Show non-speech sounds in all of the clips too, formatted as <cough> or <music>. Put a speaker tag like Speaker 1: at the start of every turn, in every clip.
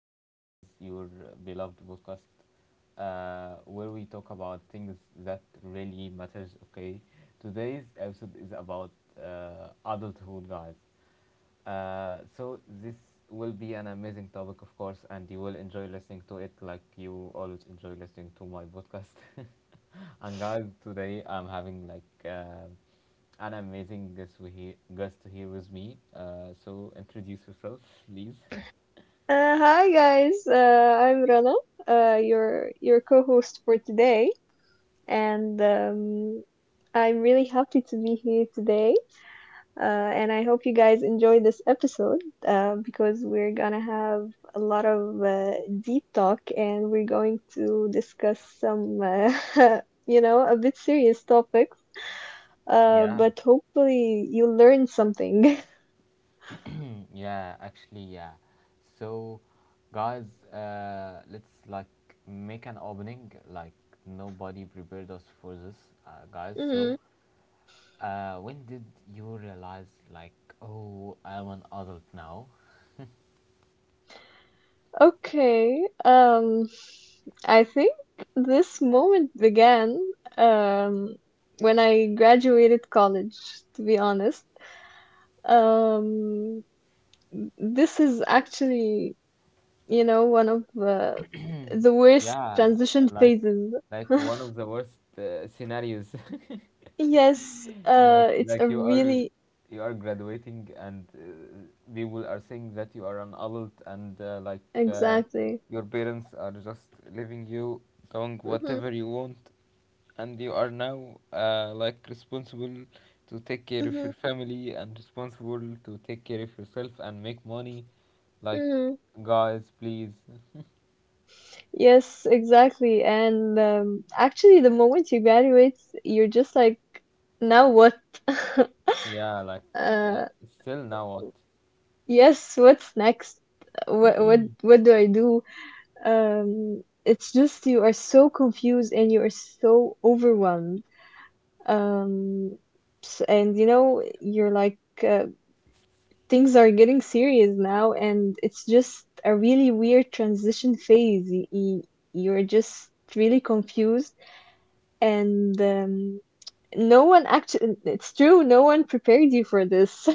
Speaker 1: and this is your beloved podcast, where we talk about things that really matters. Okay, today's episode is about adulthood, guys. So this will be an amazing topic, of course, and you will enjoy listening to it, like you always enjoy listening to my podcast. <laughs> And guys, today I'm having an amazing guest guest here with me. So introduce yourself, please. <laughs>
Speaker 2: Hi guys, I'm Rana, your co-host for today, and I'm really happy to be here today. Uh, and I hope you guys enjoy this episode because we're gonna have a lot of deep talk, and we're going to discuss some, <laughs> a bit serious topics.
Speaker 1: Yeah.
Speaker 2: But hopefully you learn something.
Speaker 1: Yeah, actually, yeah. So, guys, let's like make an opening. Like nobody prepared us for this, guys. So,
Speaker 2: <laughs>
Speaker 1: when did you realize, like, oh, I'm an adult now?
Speaker 2: Okay, I think this moment began um, when I graduated college, to be honest. Um, this is actually, one of the worst
Speaker 1: Yeah,
Speaker 2: transition
Speaker 1: like,
Speaker 2: phases.
Speaker 1: like one
Speaker 2: <laughs>
Speaker 1: of the worst scenarios. <laughs>
Speaker 2: Yes,
Speaker 1: like
Speaker 2: it's
Speaker 1: like
Speaker 2: a
Speaker 1: you are
Speaker 2: really
Speaker 1: you are graduating and people are saying that you are an adult, and
Speaker 2: exactly.
Speaker 1: your parents are just leaving you doing
Speaker 2: Hmm.
Speaker 1: whatever you want, and you are now like responsible to take care of
Speaker 2: Hmm.
Speaker 1: your family and responsible to take care of yourself and make money. Like,
Speaker 2: Hmm.
Speaker 1: guys, please.
Speaker 2: Yes, exactly. And actually, the moment you graduate, you're just like, now what? <laughs>
Speaker 1: Yeah, like, uh,
Speaker 2: uh,
Speaker 1: still now what?
Speaker 2: yes, what's next? What do I do? It's just you are so confused and you are so overwhelmed. Um, and you're like, uh, things are getting serious now, and it's just a really weird transition phase. You're just really confused and no one, actually, it's true, no one prepared you for this.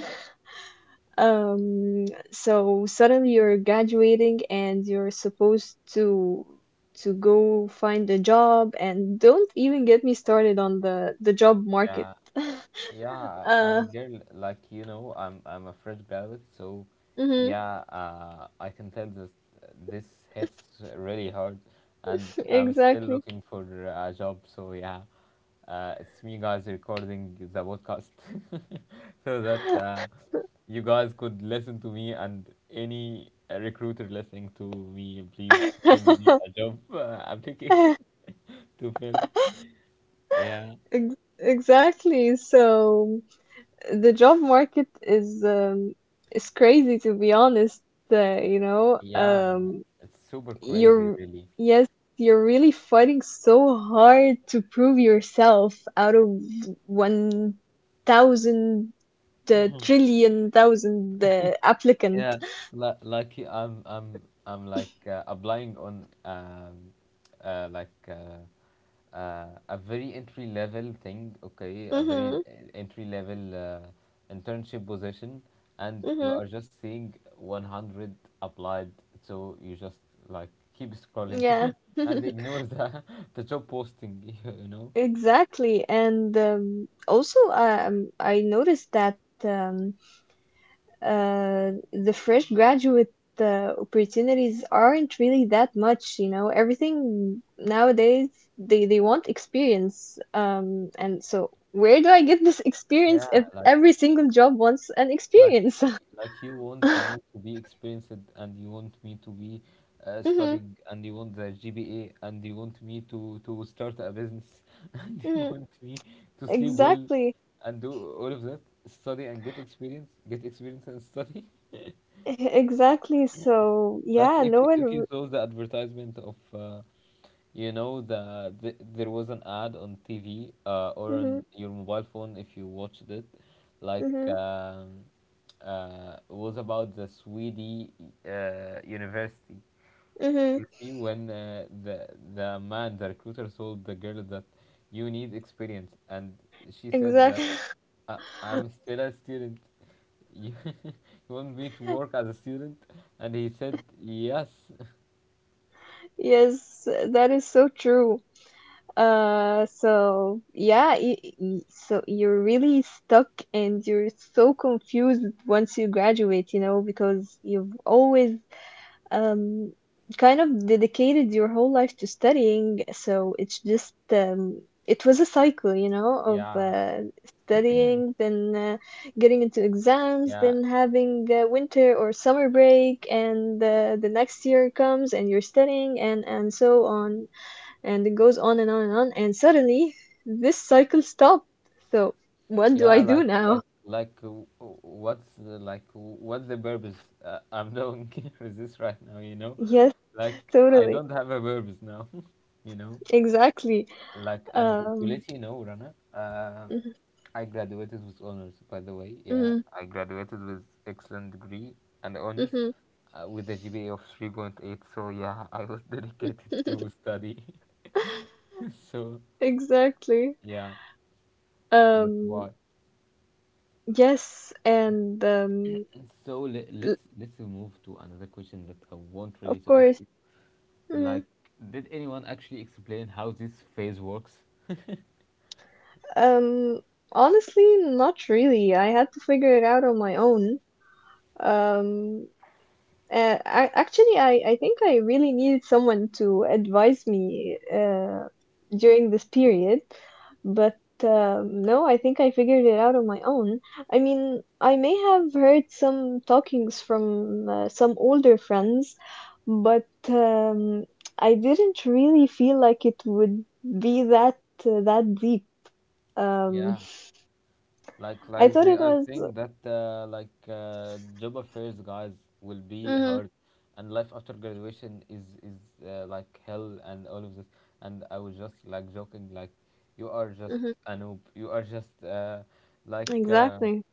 Speaker 2: <laughs> um so suddenly you're graduating and you're supposed to go find a job, and don't even get me started on the job market.
Speaker 1: Yeah.
Speaker 2: <laughs>
Speaker 1: Yeah,
Speaker 2: uh
Speaker 1: and girl, like, you know, I'm a fresh graduate, so
Speaker 2: mhm.
Speaker 1: yeah, I can tell this hits really hard, and
Speaker 2: <laughs>
Speaker 1: I'm still
Speaker 2: Exactly.
Speaker 1: looking for a job. So yeah, it's me, guys, recording the podcast, <laughs> so that you guys could listen to me, and any recruiter listening to me, please send me
Speaker 2: <laughs>
Speaker 1: a job application <laughs> to fill. Yeah.
Speaker 2: Exactly. So the job market is crazy, to be honest. Uh, you know,
Speaker 1: Yeah,
Speaker 2: um,
Speaker 1: it's super crazy,
Speaker 2: you're
Speaker 1: really.
Speaker 2: yes, you're really fighting so hard to prove yourself out of 1,000 trillion thousand applicant.
Speaker 1: Yeah, I'm like applying on uh like uh, a very entry level thing, okay, a very
Speaker 2: Mhm.
Speaker 1: entry level internship position, and you
Speaker 2: Mhm.
Speaker 1: are just seeing 100 applied, so you just like keep scrolling
Speaker 2: Yeah.
Speaker 1: <laughs> and
Speaker 2: <laughs>
Speaker 1: ignore the <laughs> the job posting, <laughs> you know?
Speaker 2: Exactly. And also, I noticed that. The fresh graduate opportunities aren't really that much, you know. Everything nowadays, they want experience. And so where do I get this experience
Speaker 1: Yeah,
Speaker 2: if
Speaker 1: like
Speaker 2: every single job wants an
Speaker 1: like
Speaker 2: experience? <laughs>
Speaker 1: like you want me to be experienced, and you want me to be
Speaker 2: Hmm.
Speaker 1: studying, and you want the GPA, and you want me to start a business, <laughs> and you
Speaker 2: Hmm.
Speaker 1: want me to sleep well
Speaker 2: Exactly. <laughs>
Speaker 1: and do all of that, study and get experience, get experience and study.
Speaker 2: Exactly. So
Speaker 1: <laughs> Like,
Speaker 2: yeah, no
Speaker 1: if you
Speaker 2: one.
Speaker 1: saw the advertisement of you know, the there was an ad on TV, or
Speaker 2: Mm-hmm.
Speaker 1: on your mobile phone if you watched it, like
Speaker 2: Mm-hmm.
Speaker 1: um, it was about the Swedish university.
Speaker 2: Mm-hmm.
Speaker 1: You see when the man, the recruiter, told the girl that you need experience, and she said
Speaker 2: Exactly.
Speaker 1: that I'm
Speaker 2: <laughs>
Speaker 1: still a student. You, <laughs> you want me to work as a student? And he said yes. <laughs>
Speaker 2: Yes, that is so true. So yeah, so you're really stuck and you're so confused once you graduate, you know, because you've always um kind of dedicated your whole life to studying. So it's just it was a cycle, of
Speaker 1: Yeah,
Speaker 2: studying, then getting into exams,
Speaker 1: yeah.
Speaker 2: then having winter or summer break, and the next year comes and you're studying, and so on, and it goes on and on and on, and suddenly this cycle stopped. So what do I
Speaker 1: Yeah,
Speaker 2: do now?
Speaker 1: what's the, like, what's the purpose I'm doing <laughs> with this right now, you
Speaker 2: <laughs>
Speaker 1: know?
Speaker 2: Yes,
Speaker 1: Like, I
Speaker 2: totally,
Speaker 1: don't have a purpose now, <laughs> you know?
Speaker 2: exactly.
Speaker 1: Like, and to
Speaker 2: um
Speaker 1: let you know, Rana,
Speaker 2: mhm.
Speaker 1: I graduated with honors, by the way. Yeah, I graduated with excellent degree and honors
Speaker 2: Mhm.
Speaker 1: with a GPA of 3.8. So yeah, <laughs> I was dedicated
Speaker 2: Mhm.
Speaker 1: to study.
Speaker 2: <laughs>
Speaker 1: <laughs> So
Speaker 2: Exactly.
Speaker 1: yeah, that's
Speaker 2: um
Speaker 1: why.
Speaker 2: yes. And
Speaker 1: So
Speaker 2: l-
Speaker 1: let's move to another question that I want
Speaker 2: of
Speaker 1: really to ask
Speaker 2: course.
Speaker 1: it.
Speaker 2: Mhm.
Speaker 1: Like, did anyone actually explain how this phase works?
Speaker 2: um Honestly, not really. I had to figure it out on my own. um I, actually, I think I really needed someone to advise me during this period, but no, I think I figured it out on my own. I mean, I may have heard some talkings from some older friends, but I didn't really feel like it would be that deep. Um,
Speaker 1: Yeah, like
Speaker 2: <laughs> I
Speaker 1: like
Speaker 2: thought
Speaker 1: they
Speaker 2: it
Speaker 1: are
Speaker 2: was.
Speaker 1: saying that job affairs, guys, will be
Speaker 2: Hmm.
Speaker 1: hard, and life after graduation is like hell and all of this. And I was just like joking, like, you are just
Speaker 2: Hmm.
Speaker 1: a noob. You are just like uh,
Speaker 2: Exactly.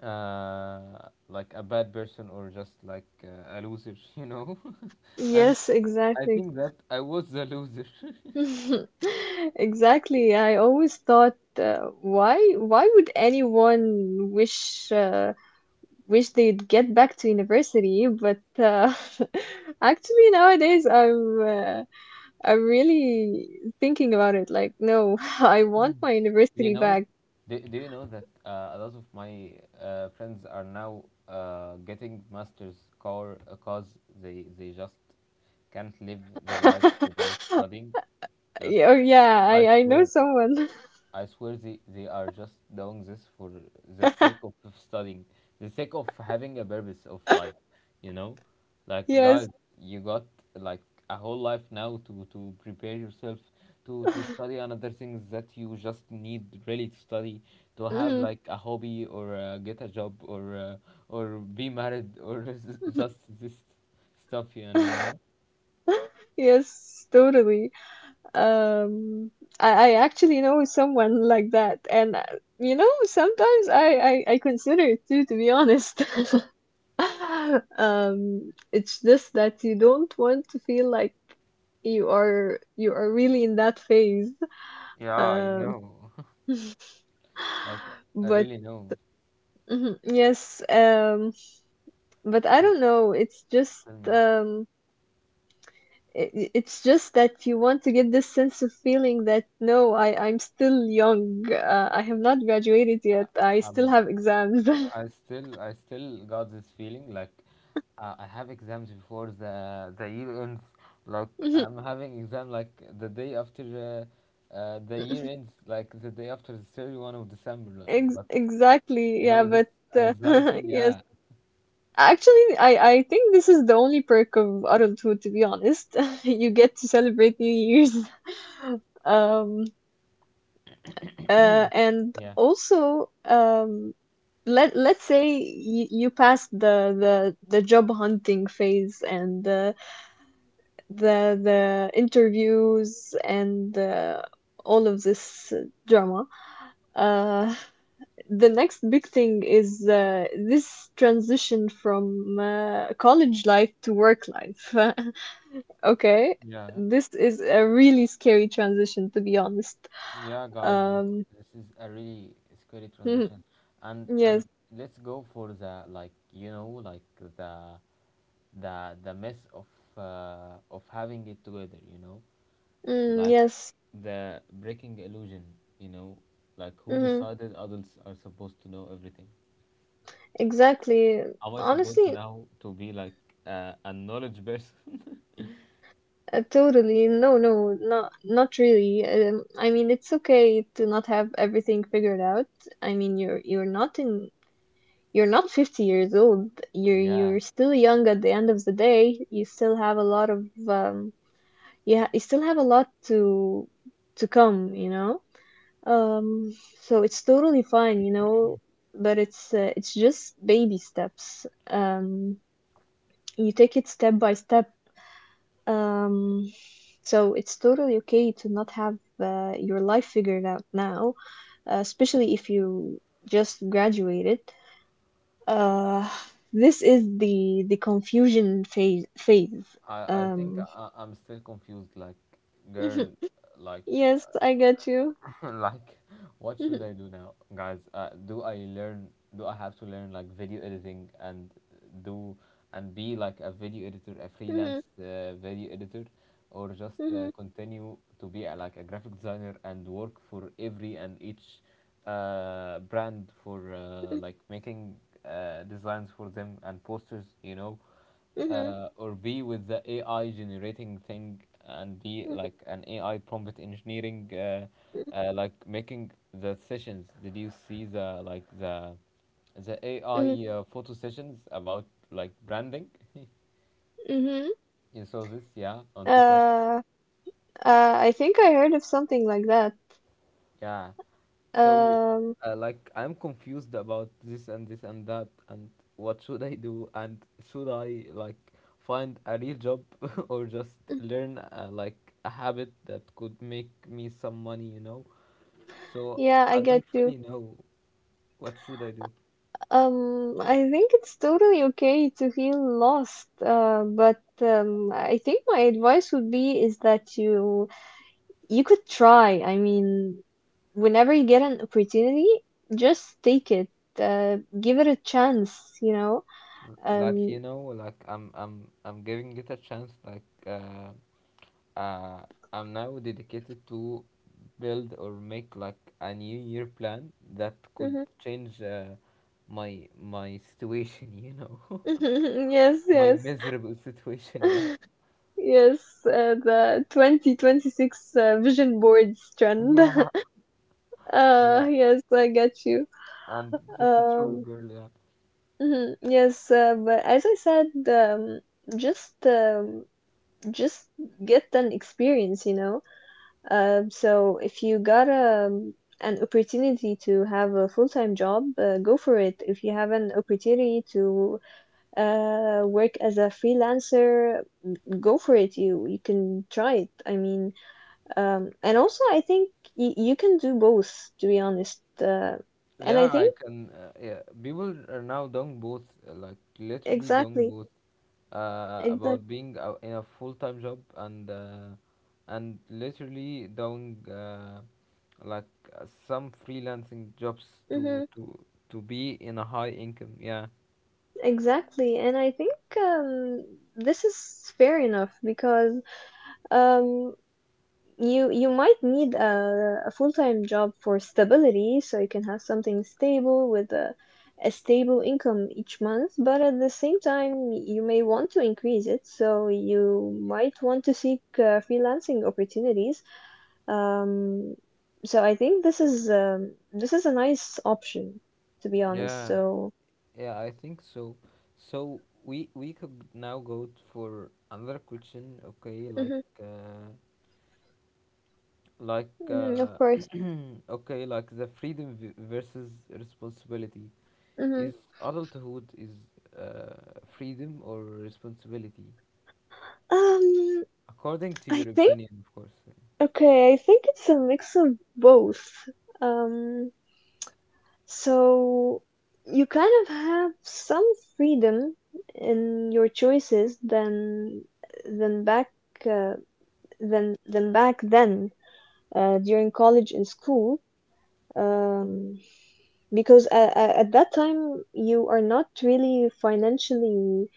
Speaker 1: like a bad person or just like a loser, <laughs> you know. <laughs> And
Speaker 2: Yes,
Speaker 1: I
Speaker 2: exactly.
Speaker 1: think that I was the loser. <laughs>
Speaker 2: <laughs> Exactly. I always thought, why would anyone wish they'd get back to university? But <laughs> actually nowadays I'm really thinking about it. Like, no, <laughs> I want my
Speaker 1: You
Speaker 2: university
Speaker 1: know,
Speaker 2: back.
Speaker 1: do you know that a lot of my friends are now getting masters, car cause they just can't live their life without
Speaker 2: <laughs>
Speaker 1: studying. Just
Speaker 2: Yeah. Oh yeah,
Speaker 1: I
Speaker 2: I know
Speaker 1: swear.
Speaker 2: someone.
Speaker 1: I swear they are just doing this for the sake of
Speaker 2: <laughs>
Speaker 1: of studying, the sake of having a purpose of life, you know? Like,
Speaker 2: Yes.
Speaker 1: guys, you got like a whole life now to prepare yourself to
Speaker 2: <laughs>
Speaker 1: study another things that you just need really to study, to have
Speaker 2: Mm.
Speaker 1: like a hobby or get a job or be married or <laughs> just this stuff, and you know?
Speaker 2: <laughs> Yes, totally. Um, I actually know someone like that, and sometimes I consider it too, to be honest. <laughs> It's just that you don't want to feel like you are really in that phase.
Speaker 1: Yeah, I
Speaker 2: Um,
Speaker 1: know. <laughs>
Speaker 2: <laughs>
Speaker 1: Like, I
Speaker 2: but
Speaker 1: really know.
Speaker 2: mhm, yes, but I
Speaker 1: So
Speaker 2: don't know. It's just,
Speaker 1: tell me,
Speaker 2: um. It's just that you want to get this sense of feeling that no, I'm still young. I have not graduated yet. I still
Speaker 1: um,
Speaker 2: have exams.
Speaker 1: I still got this feeling like I have exams before the year ends. Like,
Speaker 2: <laughs>
Speaker 1: I'm having exam like the day after the year ends, like the day after the 31st of December. Like,
Speaker 2: Ex
Speaker 1: But
Speaker 2: Exactly.
Speaker 1: you
Speaker 2: Yeah,
Speaker 1: know this
Speaker 2: but
Speaker 1: an
Speaker 2: uh,
Speaker 1: anxiety,
Speaker 2: <laughs> yes.
Speaker 1: yeah,
Speaker 2: Actually, I think this is the only perk of adulthood, to be honest. <laughs> You get to celebrate New Year's. <laughs> Um, and
Speaker 1: yeah,
Speaker 2: also, let's say you passed the job hunting phase and the interviews and all of this drama. Uh, the next big thing is this transition from college life to work life. <laughs> Okay,
Speaker 1: yeah,
Speaker 2: this is a really scary transition, to be honest.
Speaker 1: yeah, guys. This,
Speaker 2: Um,
Speaker 1: this is a really scary
Speaker 2: <laughs>
Speaker 1: transition, and
Speaker 2: yes.
Speaker 1: let's go for, the like, you know, like, the the mess of having it together, you know,
Speaker 2: Mm,
Speaker 1: like
Speaker 2: yes.
Speaker 1: the breaking illusion, you know, like, who
Speaker 2: hmm
Speaker 1: decided adults are supposed to know everything?
Speaker 2: exactly.
Speaker 1: Am I supposed
Speaker 2: Honestly.
Speaker 1: now to be like a knowledge person?
Speaker 2: Totally. No, no, not really. I mean, it's okay to not have everything figured out. I mean, you're not in, you're not 50 years old. You're
Speaker 1: <laughs> Yeah,
Speaker 2: you're still young at the end of the day. You still have a lot of, yeah, you still have a lot to come, you know? Um, so it's totally fine, you know, but it's just baby steps. You take it step by step, um, so it's totally okay to not have your life figured out now, especially if you just graduated. Uh, this is the confusion phase.
Speaker 1: I think
Speaker 2: Um,
Speaker 1: I'm still confused. Like,
Speaker 2: mhm.
Speaker 1: girl, like,
Speaker 2: Yes, I get you.
Speaker 1: <laughs> like, what should I do now, guys? Do I learn? Do I have to learn like video editing and do and be like a video editor, a
Speaker 2: Mm-hmm.
Speaker 1: freelance video editor, or just continue to be a, like a graphic designer and work for every and each brand for like making designs for them and posters, you know? Uh, or be with the AI generating thing and be like an AI prompt engineering, like making the sessions. Did you see the, like the AI photo sessions about like branding? <laughs> You saw this, yeah, on TikTok.
Speaker 2: Uh, uh, I think I heard of something like that.
Speaker 1: Yeah. So,
Speaker 2: Um,
Speaker 1: like, I'm confused about this and this and that, and what should I do? And should I, like, find a real job <laughs> or just learn, like, a habit that could make me some money, you know? So,
Speaker 2: yeah, I
Speaker 1: I
Speaker 2: get
Speaker 1: don't
Speaker 2: you.
Speaker 1: really know what should I do.
Speaker 2: I think it's totally okay to feel lost, but I think my advice would be is that you could try. I mean, whenever you get an opportunity, just take it. Give it a chance, you know.
Speaker 1: Like,
Speaker 2: Um,
Speaker 1: you know, like, I'm giving it a chance, like, uh, I'm now dedicated to build or make like a new year plan that could
Speaker 2: mhm.
Speaker 1: change my situation, you know, <laughs>
Speaker 2: <laughs> Yes,
Speaker 1: my
Speaker 2: yes.
Speaker 1: miserable situation. Yeah,
Speaker 2: <laughs> Yes. The 2026 vision boards
Speaker 1: <laughs>
Speaker 2: trend.
Speaker 1: yeah,
Speaker 2: <laughs>
Speaker 1: yeah.
Speaker 2: Yes, I get you.
Speaker 1: And that's a true
Speaker 2: Um.
Speaker 1: girl. Yeah,
Speaker 2: Hmm. Yes, but as I said, just um, just get an experience, you know. So if you got an opportunity to have a full-time job, go for it. If you have an opportunity to work as a freelancer, go for it. You can try it. I mean, and also I think y you can do both, to be honest. And I
Speaker 1: yeah. I
Speaker 2: think
Speaker 1: can. Yeah, people are now doing both, like literally doing
Speaker 2: exactly,
Speaker 1: both.
Speaker 2: exactly.
Speaker 1: About being in a full time job and and literally doing. Like, some freelancing jobs to be in a high income. Yeah,
Speaker 2: Exactly, and I think this is fair enough because um, you might need a full time job for stability, so you can have something stable with a stable income each month. But at the same time, you may want to increase it, so you might want to seek freelancing opportunities. Um, so I think this is a nice option, to be honest.
Speaker 1: yeah,
Speaker 2: So,
Speaker 1: yeah, I think so. So we could now go for another question. Okay, like,
Speaker 2: hmm.
Speaker 1: uh, like
Speaker 2: Of
Speaker 1: uh,
Speaker 2: course.
Speaker 1: <clears throat> okay, like the freedom versus responsibility.
Speaker 2: Hmm.
Speaker 1: Is adulthood is freedom or responsibility,
Speaker 2: Um,
Speaker 1: according to
Speaker 2: I
Speaker 1: your
Speaker 2: think
Speaker 1: opinion, of course?
Speaker 2: Okay, I think it's a mix of both. Um, so you kind of have some freedom in your choices than than back uh, than than back then, during college and school. Um, because at that time you are not really financially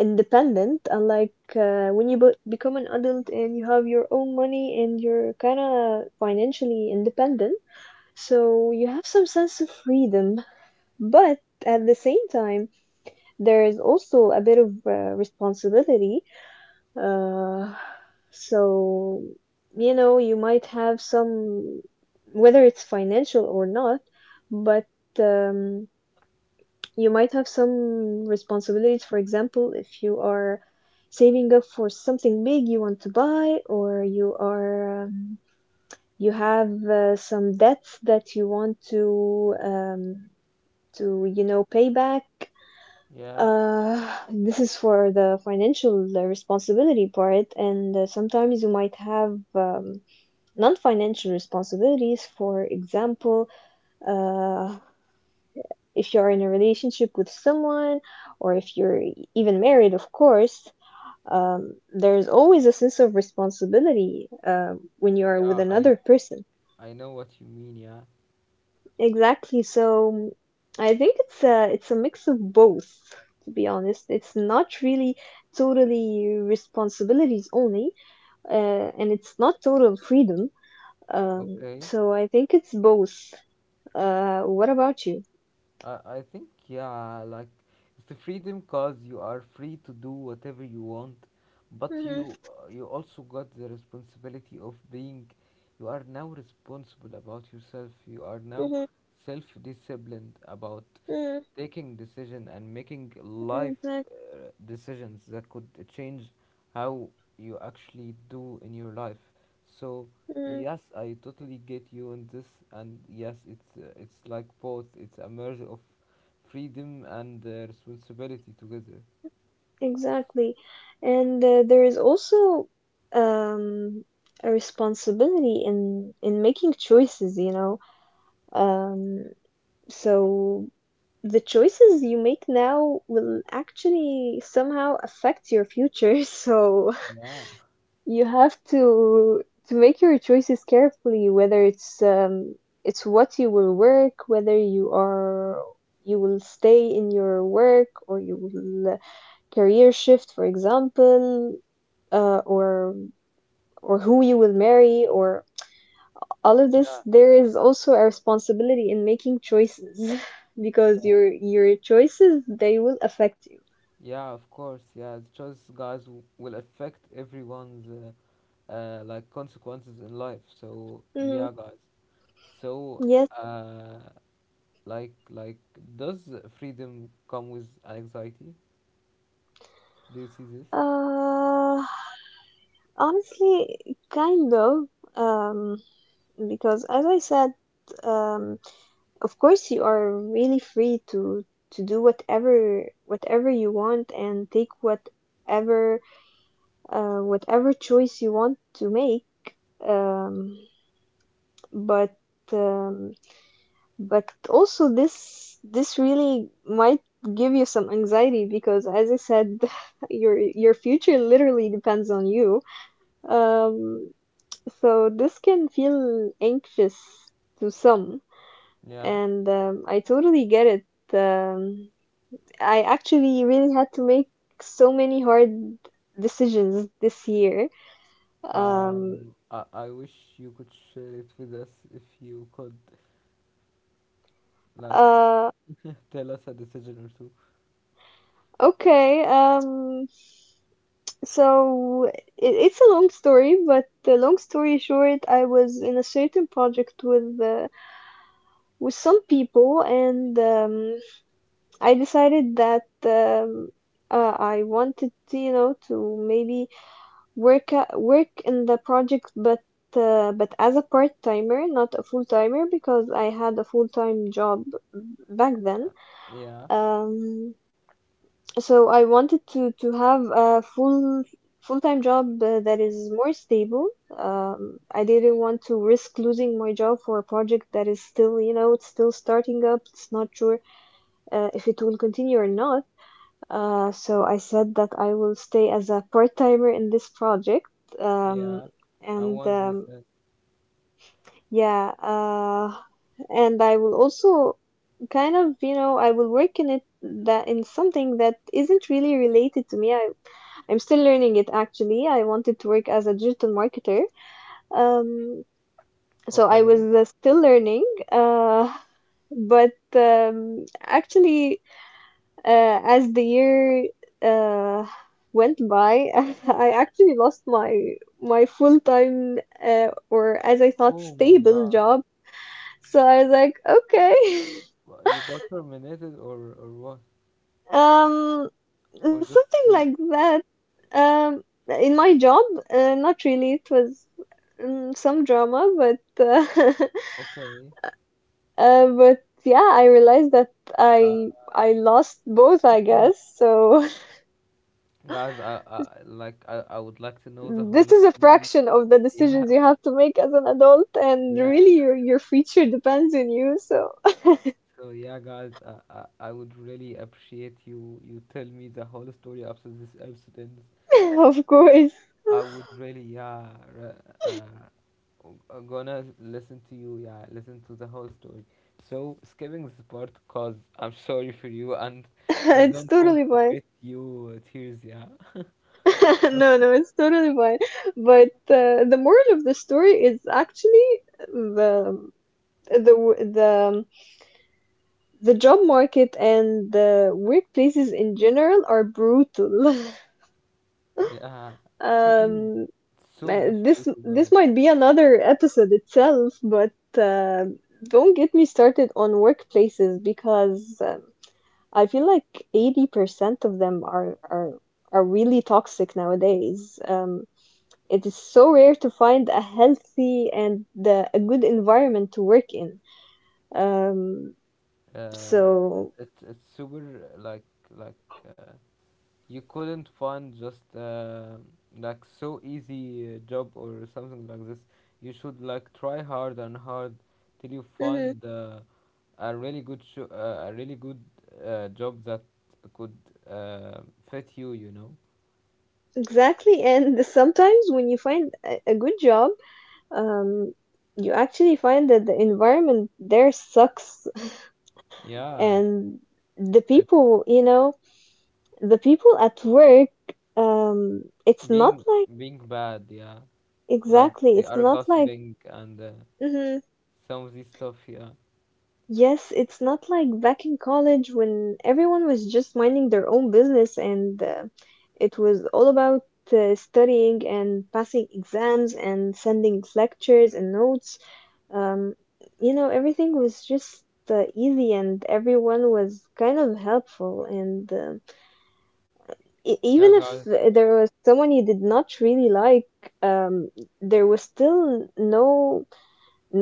Speaker 2: independent, unlike when you become an adult and you have your own money and you're kind of financially independent. So you have some sense of freedom, but at the same time there is also a bit of responsibility. uh, so you know, you might have some, whether it's financial or not, but um, you might have some responsibilities. For example, if you are saving up for something big you want to buy, or you are, you have some debts that you want to, pay back.
Speaker 1: Yeah,
Speaker 2: Uh, this is for the financial responsibility part, and sometimes you might have non-financial responsibilities. For example, uh, if you're in a relationship with someone or if you're even married, of course. There's always a sense of responsibility when you're with
Speaker 1: yeah, i
Speaker 2: another person.
Speaker 1: i know what you mean, yeah.
Speaker 2: Exactly. So I think it's a mix of both, to be honest. It's not really totally responsibilities only, uh, and it's not total freedom.
Speaker 1: Okay,
Speaker 2: So I think it's both. What about you?
Speaker 1: I think, yeah, like, it's the freedom, cause you are free to do whatever you want, but
Speaker 2: Hmm.
Speaker 1: you, you also got the responsibility of being, you are now responsible about yourself. You are now
Speaker 2: Hmm.
Speaker 1: self-disciplined about
Speaker 2: Hmm.
Speaker 1: taking decision and making life
Speaker 2: Exactly.
Speaker 1: decisions that could change how you actually do in your life. So yes, I totally get you in this, and yes, it's like both. It's a merge of freedom and responsibility together.
Speaker 2: Exactly. And there is also um, a responsibility in making choices, you know. Um, so the choices you make now will actually somehow affect your future. <laughs> So
Speaker 1: Yeah,
Speaker 2: you have to make your choices carefully, whether it's what you will work, whether you will stay in your work or you will career shift, for example, or who you will marry, or all of this.
Speaker 1: yeah,
Speaker 2: There is also a responsibility in making choices, <laughs> because
Speaker 1: yeah,
Speaker 2: your choices they will affect you.
Speaker 1: yeah, of course. Yeah, the choice, guys, will affect everyone's like consequences in life. So
Speaker 2: Mm,
Speaker 1: yeah, guys, so
Speaker 2: yes.
Speaker 1: uh like, does freedom come with anxiety? Do you see this?
Speaker 2: Uh, Honestly, kind of. Um, because as I said, um, of course you are really free to do whatever you want and take whatever choice you want to make. Um, but um, but also this really might give you some anxiety because, as I said, <laughs> your future literally depends on you. Um, so this can feel anxious to some,
Speaker 1: Yeah.
Speaker 2: and I totally get it. Um, I actually really had to make so many hard decisions this year. Um,
Speaker 1: I wish you could share it with us if you could, like,
Speaker 2: uh,
Speaker 1: tell us a decision or two.
Speaker 2: Okay, so it's a long story, but the long story short, I was in a certain project with some people, and I decided that I wanted to, you know, to maybe work in the project, but as a part timer, not a full timer, because I had a full time job back then.
Speaker 1: Uh, Yeah,
Speaker 2: Um, So I wanted to have a full-time job that is more stable. I didn't want to risk losing my job for a project that is still, you know, it's still starting up. It's not sure if it will continue or not. So I said that I will stay as a part-timer in this project. Um,
Speaker 1: yeah. And
Speaker 2: and
Speaker 1: what they said,
Speaker 2: yeah, and I will also kind of you know I will work in it that in something that isn't really related to me. I'm still learning it actually. I wanted to work as a digital marketer. Um, so I was
Speaker 1: okay.
Speaker 2: still learning. Uh, but actually, as the year uh, went by, <laughs> I actually lost my my full time or as I thought
Speaker 1: Oh my
Speaker 2: stable
Speaker 1: God,
Speaker 2: job. So I was like, okay. <laughs>
Speaker 1: You got terminated or what?
Speaker 2: Um,
Speaker 1: Or just
Speaker 2: something like
Speaker 1: you?
Speaker 2: that. Um, in my job, not really. It was some drama, but
Speaker 1: Okay,
Speaker 2: <laughs> but yeah, I realized that I lost both, I guess. So
Speaker 1: guys. I would like to
Speaker 2: <laughs>
Speaker 1: know the whole
Speaker 2: this is a
Speaker 1: story.
Speaker 2: fraction of the
Speaker 1: Yeah,
Speaker 2: decisions you have to make as an adult,
Speaker 1: <laughs>
Speaker 2: and
Speaker 1: yeah.
Speaker 2: really your future depends on you. So
Speaker 1: So yeah, guys, I would really appreciate you tell me the whole story after this episode ends.
Speaker 2: <laughs> of
Speaker 1: I, w-
Speaker 2: course,
Speaker 1: I would really, yeah, re- uh, gonna listen to you, yeah, listen to the whole story. So skipping this part cause I'm sorry for you, and
Speaker 2: <laughs>
Speaker 1: we
Speaker 2: it's
Speaker 1: don't want
Speaker 2: totally
Speaker 1: to
Speaker 2: fine.
Speaker 1: get you tears, yeah.
Speaker 2: <laughs> No, no, it's totally fine. But the moral of the story is actually the the the the job market and the workplaces in general are brutal. <laughs>
Speaker 1: <laughs> Yeah,
Speaker 2: Um,
Speaker 1: so much
Speaker 2: this
Speaker 1: brutal,
Speaker 2: this
Speaker 1: guys.
Speaker 2: might be another episode itself, but don't get me started on workplaces because I feel like 80% of them are really toxic nowadays. It is so rare to find a healthy and a good environment to work in. Um, so
Speaker 1: Uh, it's super like. Uh, you couldn't find just like so easy job or something like this. You should like try hard and hard till you
Speaker 2: mhm,
Speaker 1: find a really good sho a really good job that could uh, fit you. You know,
Speaker 2: exactly, and sometimes when you find a good job, um, you actually find that the environment there sucks, <laughs>
Speaker 1: yeah.
Speaker 2: and the
Speaker 1: It,
Speaker 2: people, you know, the people at work, it's not
Speaker 1: being
Speaker 2: like
Speaker 1: being bad, yeah. Like
Speaker 2: exactly,
Speaker 1: they
Speaker 2: it's
Speaker 1: are
Speaker 2: not like.
Speaker 1: gossiping and
Speaker 2: Mhm,
Speaker 1: some of this stuff, yeah.
Speaker 2: yes, it's not like back in college when everyone was just minding their own business and it was all about studying and passing exams and sending lectures and notes. Um, you know, everything was just easy and everyone was kind of helpful. And um,
Speaker 1: Yeah,
Speaker 2: even if
Speaker 1: guys.
Speaker 2: there was someone you did not really like, um, there was still no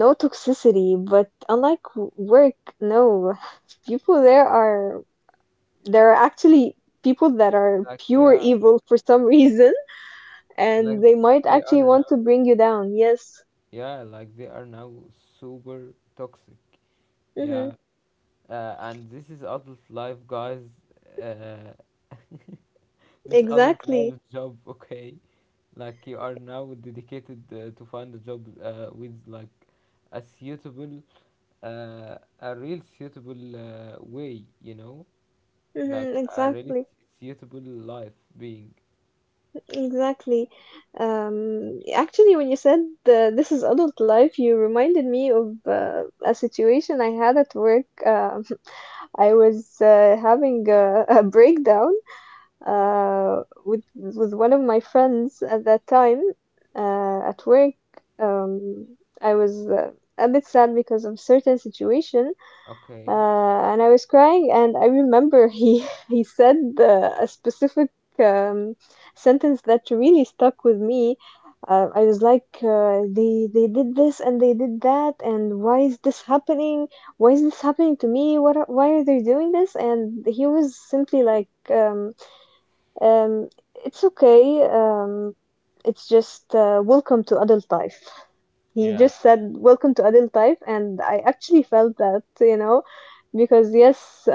Speaker 2: no toxicity, but unlike work, no. <laughs> People there are actually people that are
Speaker 1: Like
Speaker 2: pure
Speaker 1: yeah,
Speaker 2: evil for some <laughs> reason,
Speaker 1: like
Speaker 2: and they might
Speaker 1: they
Speaker 2: actually
Speaker 1: are
Speaker 2: want to
Speaker 1: now
Speaker 2: bring you down. Yes.
Speaker 1: Yeah, like they are now super toxic.
Speaker 2: Mhm.
Speaker 1: Yeah, and this is adult life, guys. Uh, <laughs> this adult
Speaker 2: Exactly.
Speaker 1: life job, okay? Like you are now dedicated to find a job with like a suitable, a real suitable way, you know, like
Speaker 2: Mhm.
Speaker 1: a really
Speaker 2: Exactly.
Speaker 1: suitable life being,
Speaker 2: Exactly. Actually, when you said this is adult life, you reminded me of a situation I had at work. <laughs> I was having a breakdown with one of my friends at that time at work. I was a bit sad because of certain situation,
Speaker 1: okay?
Speaker 2: uh, and I was crying. And I remember he <laughs> he said a specific um, sentence that really stuck with me. I was like, they did this and they did that, and why is this happening? Why is this happening to me? What are, why are they doing this? And he was simply like, um, it's okay. It's just welcome to adult life. He just said welcome to adult life, and I actually felt that, you know, because yes,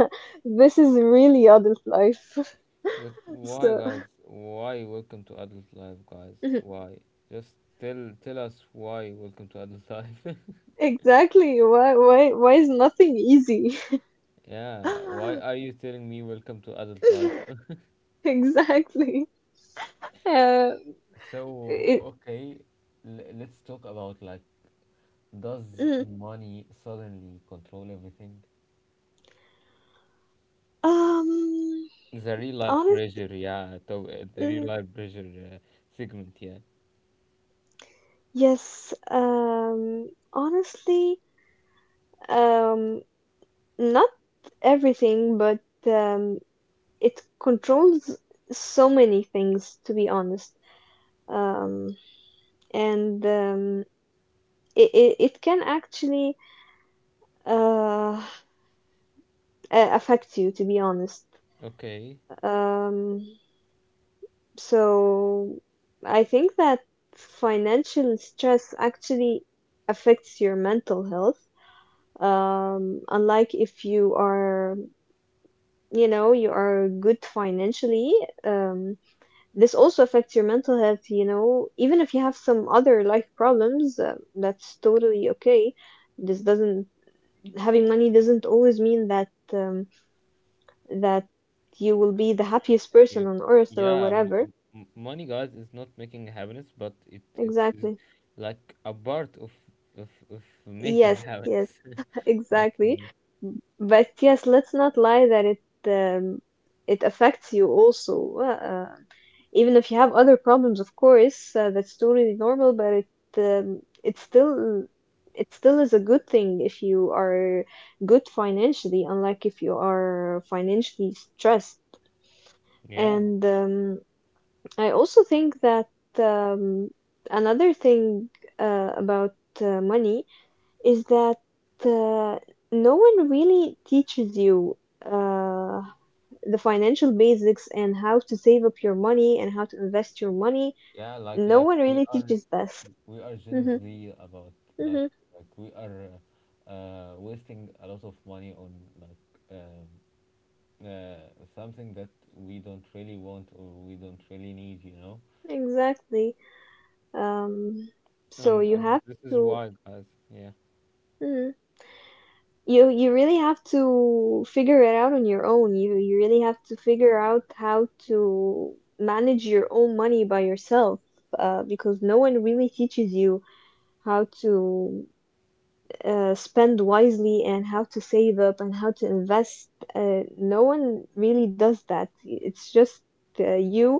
Speaker 2: <laughs> this is really adult life. <laughs>
Speaker 1: Just why,
Speaker 2: So
Speaker 1: guys? Why welcome to adult life, guys?
Speaker 2: <laughs>
Speaker 1: Why? Just tell us why welcome to adult life. <laughs>
Speaker 2: exactly, why is nothing easy?
Speaker 1: Yeah. Why are
Speaker 2: <laughs>
Speaker 1: you telling me welcome to adult life?
Speaker 2: Exactly. Uh,
Speaker 1: So
Speaker 2: it,
Speaker 1: okay, let's talk about like, does
Speaker 2: mm,
Speaker 1: money suddenly control everything?
Speaker 2: um,
Speaker 1: The real life
Speaker 2: honest,
Speaker 1: pressure, yeah. The real
Speaker 2: mm,
Speaker 1: life pressure uh, segment, yeah.
Speaker 2: yes. Honestly. Um, Not everything, but um, it controls so many things, to be honest. Um, and it can actually uh, affect you, to be honest.
Speaker 1: Okay.
Speaker 2: Um, so I think that financial stress actually affects your mental health. Unlike if you are, you know, you are good financially, um, this also affects your mental health, you know. Even if you have some other life problems, that's totally okay. This doesn't having money doesn't always mean that that you will be the happiest person
Speaker 1: You,
Speaker 2: on earth or
Speaker 1: yeah,
Speaker 2: whatever.
Speaker 1: money, guys, is not making happiness, but it is
Speaker 2: Exactly.
Speaker 1: like a part of of making
Speaker 2: Yes, yes,
Speaker 1: happiness.
Speaker 2: <laughs>
Speaker 1: <laughs> Like, you
Speaker 2: exactly.
Speaker 1: know,
Speaker 2: But yes, let's not lie that it um, it affects you also. Even if you have other problems, of course, that's totally normal, but it's still it still is a good thing if you are good financially, unlike if you are financially stressed.
Speaker 1: yeah,
Speaker 2: And I also think that um, another thing about money is that uh, no one really teaches you uh, the financial basics and how to save up your money and how to invest your money
Speaker 1: Yeah, like
Speaker 2: no
Speaker 1: like
Speaker 2: one
Speaker 1: we
Speaker 2: really
Speaker 1: are
Speaker 2: teaches this.
Speaker 1: we are Gen
Speaker 2: Hmm,
Speaker 1: Z about like
Speaker 2: hmm,
Speaker 1: like we are wasting a lot of money on like something that we don't really want or we don't really need, you know?
Speaker 2: exactly. Um, so
Speaker 1: and
Speaker 2: you
Speaker 1: and
Speaker 2: have
Speaker 1: this is
Speaker 2: to,
Speaker 1: why, guys. Yeah,
Speaker 2: mhm. You really have to figure it out on your own. You really have to figure out how to manage your own money by yourself, because no one really teaches you how to spend wisely and how to save up and how to invest. No one really does that. It's just you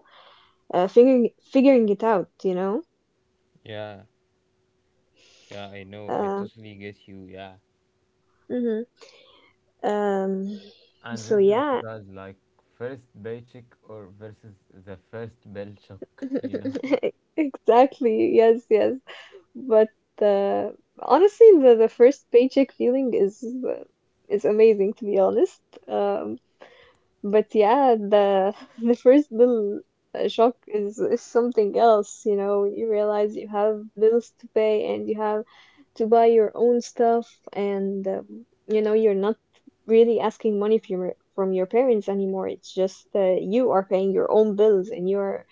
Speaker 2: figuring figuring it out, you know.
Speaker 1: yeah. Yeah, I know. I
Speaker 2: Uh,
Speaker 1: totally get you. Yeah.
Speaker 2: mhm. Um,
Speaker 1: And
Speaker 2: so
Speaker 1: this is
Speaker 2: yeah,
Speaker 1: guys like first paycheck or versus the first bill shock, you know? <laughs>
Speaker 2: <laughs> exactly. Yes, yes. But uh, honestly, the first paycheck feeling is amazing to be honest. Um, but yeah, the <laughs> the first bill shock is something else. You know, you realize you have bills to pay and you have to buy your own stuff and you know you're not really asking money from your parents anymore. It's just you are paying your own bills and you're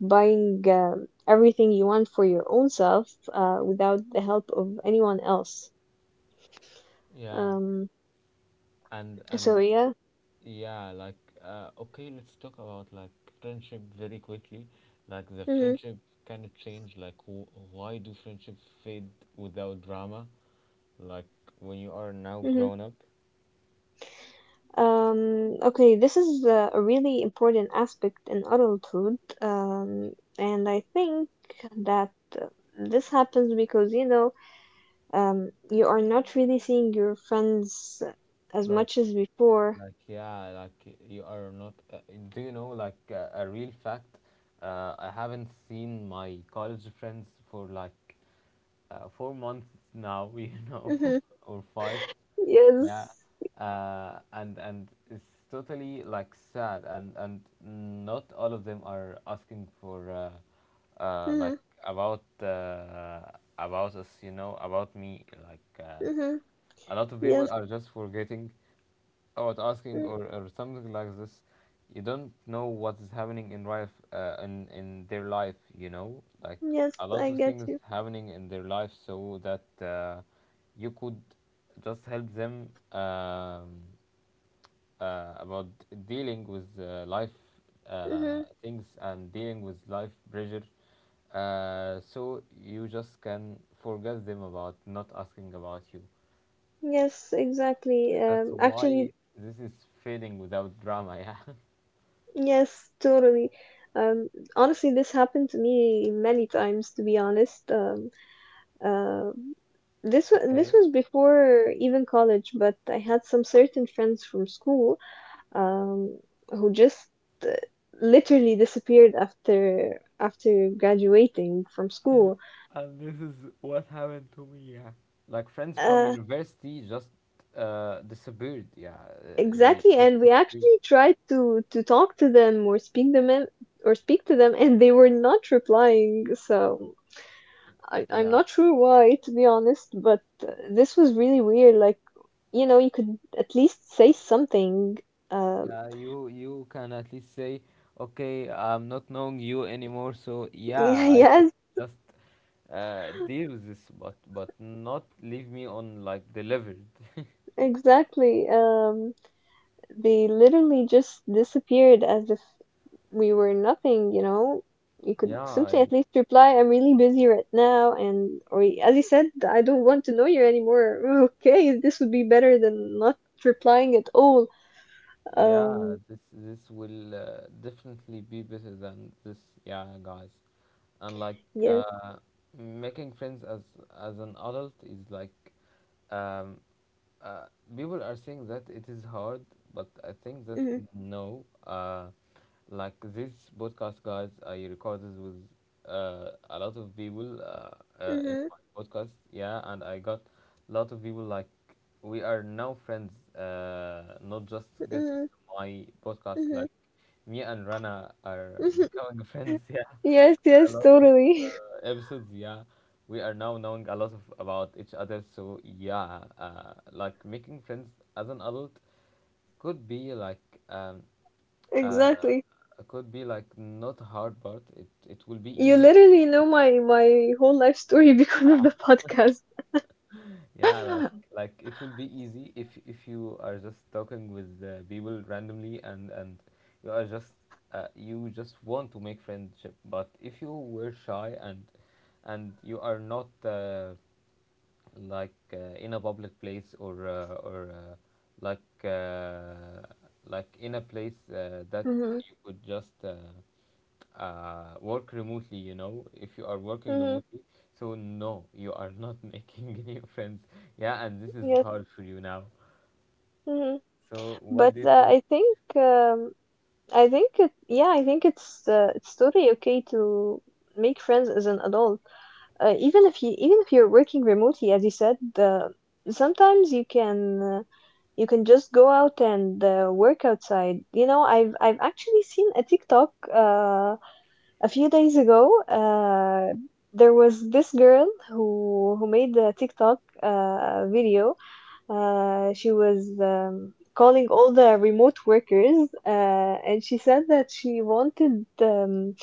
Speaker 2: buying um, everything you want for your own self without the help of anyone else.
Speaker 1: Yeah.
Speaker 2: Um, so
Speaker 1: And
Speaker 2: yeah.
Speaker 1: yeah, like okay, let's talk about like friendship very quickly. Like the
Speaker 2: Hmm,
Speaker 1: friendship kind of change. Like why do friendship fade without drama? Like when you are now
Speaker 2: hmm,
Speaker 1: grown up.
Speaker 2: okay, this is a really important aspect in adulthood, and I think that uh, this happens because, you know, um, you are not really seeing your friends as
Speaker 1: Like
Speaker 2: much as before.
Speaker 1: like yeah like you are not do you know like a real fact, I haven't seen my college friends for like four months now <laughs> you know
Speaker 2: Mm-hmm.
Speaker 1: <laughs> or five, yeah.
Speaker 2: Yes.
Speaker 1: And it's totally like sad and not all of them are asking for
Speaker 2: Mm-hmm.
Speaker 1: like about uh, about us, you know, about me like
Speaker 2: Mm-hmm.
Speaker 1: a lot of people
Speaker 2: Yes.
Speaker 1: are just forgetting about asking
Speaker 2: Mm,
Speaker 1: or something like this. You don't know what is happening in life, in their life. You know, like
Speaker 2: yes,
Speaker 1: a lot
Speaker 2: I
Speaker 1: of
Speaker 2: get
Speaker 1: things
Speaker 2: you.
Speaker 1: happening in their life, so that you could just help them about dealing with life
Speaker 2: Mm-hmm.
Speaker 1: things and dealing with life pressure. So you just can forget them about not asking about you.
Speaker 2: Yes, exactly.
Speaker 1: That's
Speaker 2: Actually,
Speaker 1: why this is fading without drama, yeah. <laughs>
Speaker 2: yes, totally. Um, honestly, this happened to me many times, to be honest. Uh, this
Speaker 1: Okay.
Speaker 2: was before even college, but I had some certain friends from school, um, who just uh, literally disappeared after after graduating from
Speaker 1: And
Speaker 2: school.
Speaker 1: and this is what happened to me. Yeah. Like friends from
Speaker 2: Uh,
Speaker 1: university just disappeared, yeah. They
Speaker 2: exactly, and
Speaker 1: just-
Speaker 2: we actually tried to talk to them or speak to them, and they were not replying. So I'm
Speaker 1: yeah.
Speaker 2: not sure why, to be honest. But this was really weird. Like, you know, you could at least say something. Um,
Speaker 1: Yeah, you can at least say, okay, I'm not knowing you anymore, so yeah, I could
Speaker 2: <laughs> yes,
Speaker 1: just deal with this, but not leave me on like delivered. <laughs>
Speaker 2: exactly. They literally just disappeared as if we were nothing, you know. You could
Speaker 1: Yeah, I.
Speaker 2: simply at least reply, I'm really busy right now, and or as you said, I don't want to know you anymore. <laughs> Okay, this would be better than not replying at all.
Speaker 1: Yeah,
Speaker 2: Um,
Speaker 1: this will definitely be better than this. Yeah, guys, and like
Speaker 2: yes.
Speaker 1: uh, making friends as an adult is like um, uh, people are saying that it is hard, but I think
Speaker 2: Mm-hmm,
Speaker 1: that no. Like this podcast, guys, I recorded with a lot of people in
Speaker 2: mm-hmm,
Speaker 1: my podcast. Yeah, and I got a lot of people like we are now friends, not just guests. My podcast,
Speaker 2: mm-hmm,
Speaker 1: like me and Rana, are
Speaker 2: mm-hmm.
Speaker 1: becoming <laughs> friends. Yeah,
Speaker 2: <laughs> Yes,
Speaker 1: after a
Speaker 2: yes,
Speaker 1: lot of
Speaker 2: totally. <laughs>
Speaker 1: episodes, yeah, we are now knowing a lot of about each other. So yeah, like making friends as an adult could be like um, uh,
Speaker 2: Exactly.
Speaker 1: could be like not hard part. It will be
Speaker 2: You
Speaker 1: easy.
Speaker 2: literally know my my whole life story <laughs> because of the podcast.
Speaker 1: Yeah,
Speaker 2: <laughs>
Speaker 1: like it will be easy if you are just talking with people randomly and you are just you just want to make friendship. But if you were shy and you are not like in a public place or like uh, like in a place that
Speaker 2: Mm-hmm.
Speaker 1: you could just work remotely, you know, if you are working
Speaker 2: Mm-hmm.
Speaker 1: remotely, so no, you are not <laughs> making new friends, yeah, and this is
Speaker 2: Yes.
Speaker 1: hard for you now.
Speaker 2: Mm-hmm.
Speaker 1: So what
Speaker 2: But
Speaker 1: do you think?
Speaker 2: I think yeah, I think it's totally okay to make friends as an adult. Even if you even if you're working remotely, as you said, sometimes you can just go out and work outside. You know, I've actually seen a TikTok a few days ago. There was this girl who made a TikTok video, she was calling all the remote workers, and she said that she wanted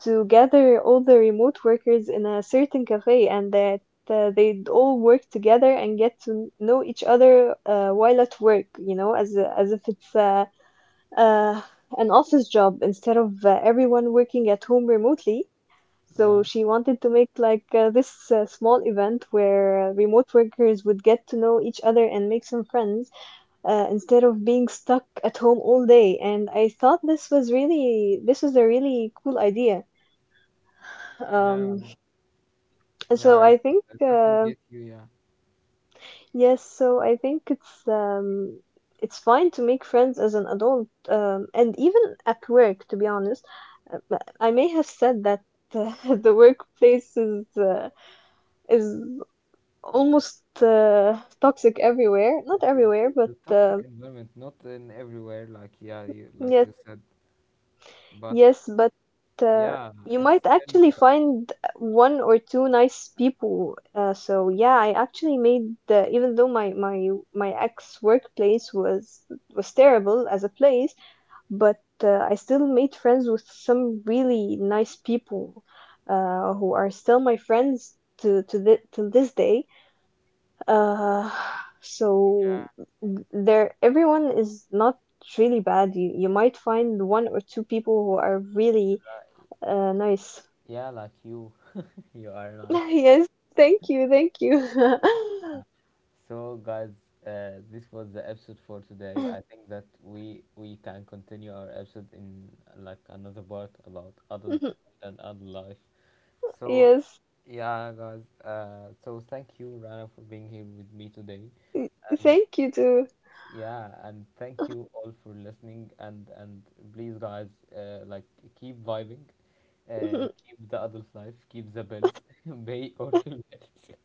Speaker 2: to gather all the remote workers in a certain cafe and that they'd all work together and get to know each other while at work, you know, as if it's a uh, an office job instead of everyone working at home remotely. So
Speaker 1: Yeah,
Speaker 2: she wanted to make like this small event where remote workers would get to know each other and make some friends instead of being stuck at home all day. And I thought this was really this was a really cool idea. Um,
Speaker 1: yeah, yeah.
Speaker 2: so I think
Speaker 1: I totally get you, yeah.
Speaker 2: Yes, so I think it's um, it's fine to make friends as an adult, and even at work, to be honest. But I may have said that <laughs> the workplace is almost toxic everywhere. Not
Speaker 1: It's
Speaker 2: everywhere, but
Speaker 1: the toxic environment not in everywhere like yeah you,
Speaker 2: yeah,
Speaker 1: like you said, but
Speaker 2: yes, but uh,
Speaker 1: yeah
Speaker 2: you
Speaker 1: it's
Speaker 2: might
Speaker 1: still
Speaker 2: actually
Speaker 1: toxic.
Speaker 2: find one or two nice people. So yeah, I actually made even though my my ex workplace was terrible as a place, but I still made friends with some really nice people who are still my friends to thi to this day. Uh, so there, everyone is not really bad. You might find one or two people who are really nice. <laughs>
Speaker 1: Yeah, like you, <laughs> you are nice.
Speaker 2: Yes, thank you, thank you. <laughs>
Speaker 1: So, guys, this was the episode for today. I think that we can continue our episode in like another part about adult
Speaker 2: <laughs>
Speaker 1: and adult life. So,
Speaker 2: Yes,
Speaker 1: yeah, guys. So thank you, Rana, for being here with me today, and
Speaker 2: thank you too.
Speaker 1: yeah, and thank you all for listening. And please, guys, like keep vibing,
Speaker 2: <laughs>
Speaker 1: keep the adult life, keep the bills, <laughs> pay all your bills.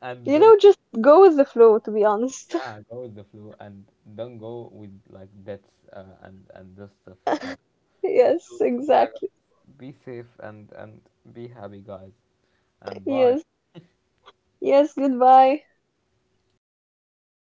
Speaker 1: And
Speaker 2: You
Speaker 1: don't,
Speaker 2: know, just go with the flow, to be honest. <laughs>
Speaker 1: yeah, go with the flow and don't go with like debts and this stuff. uh,
Speaker 2: Yes,
Speaker 1: so yeah guys,
Speaker 2: exactly.
Speaker 1: be safe and be happy guys and bye.
Speaker 2: Yes, yes, goodbye.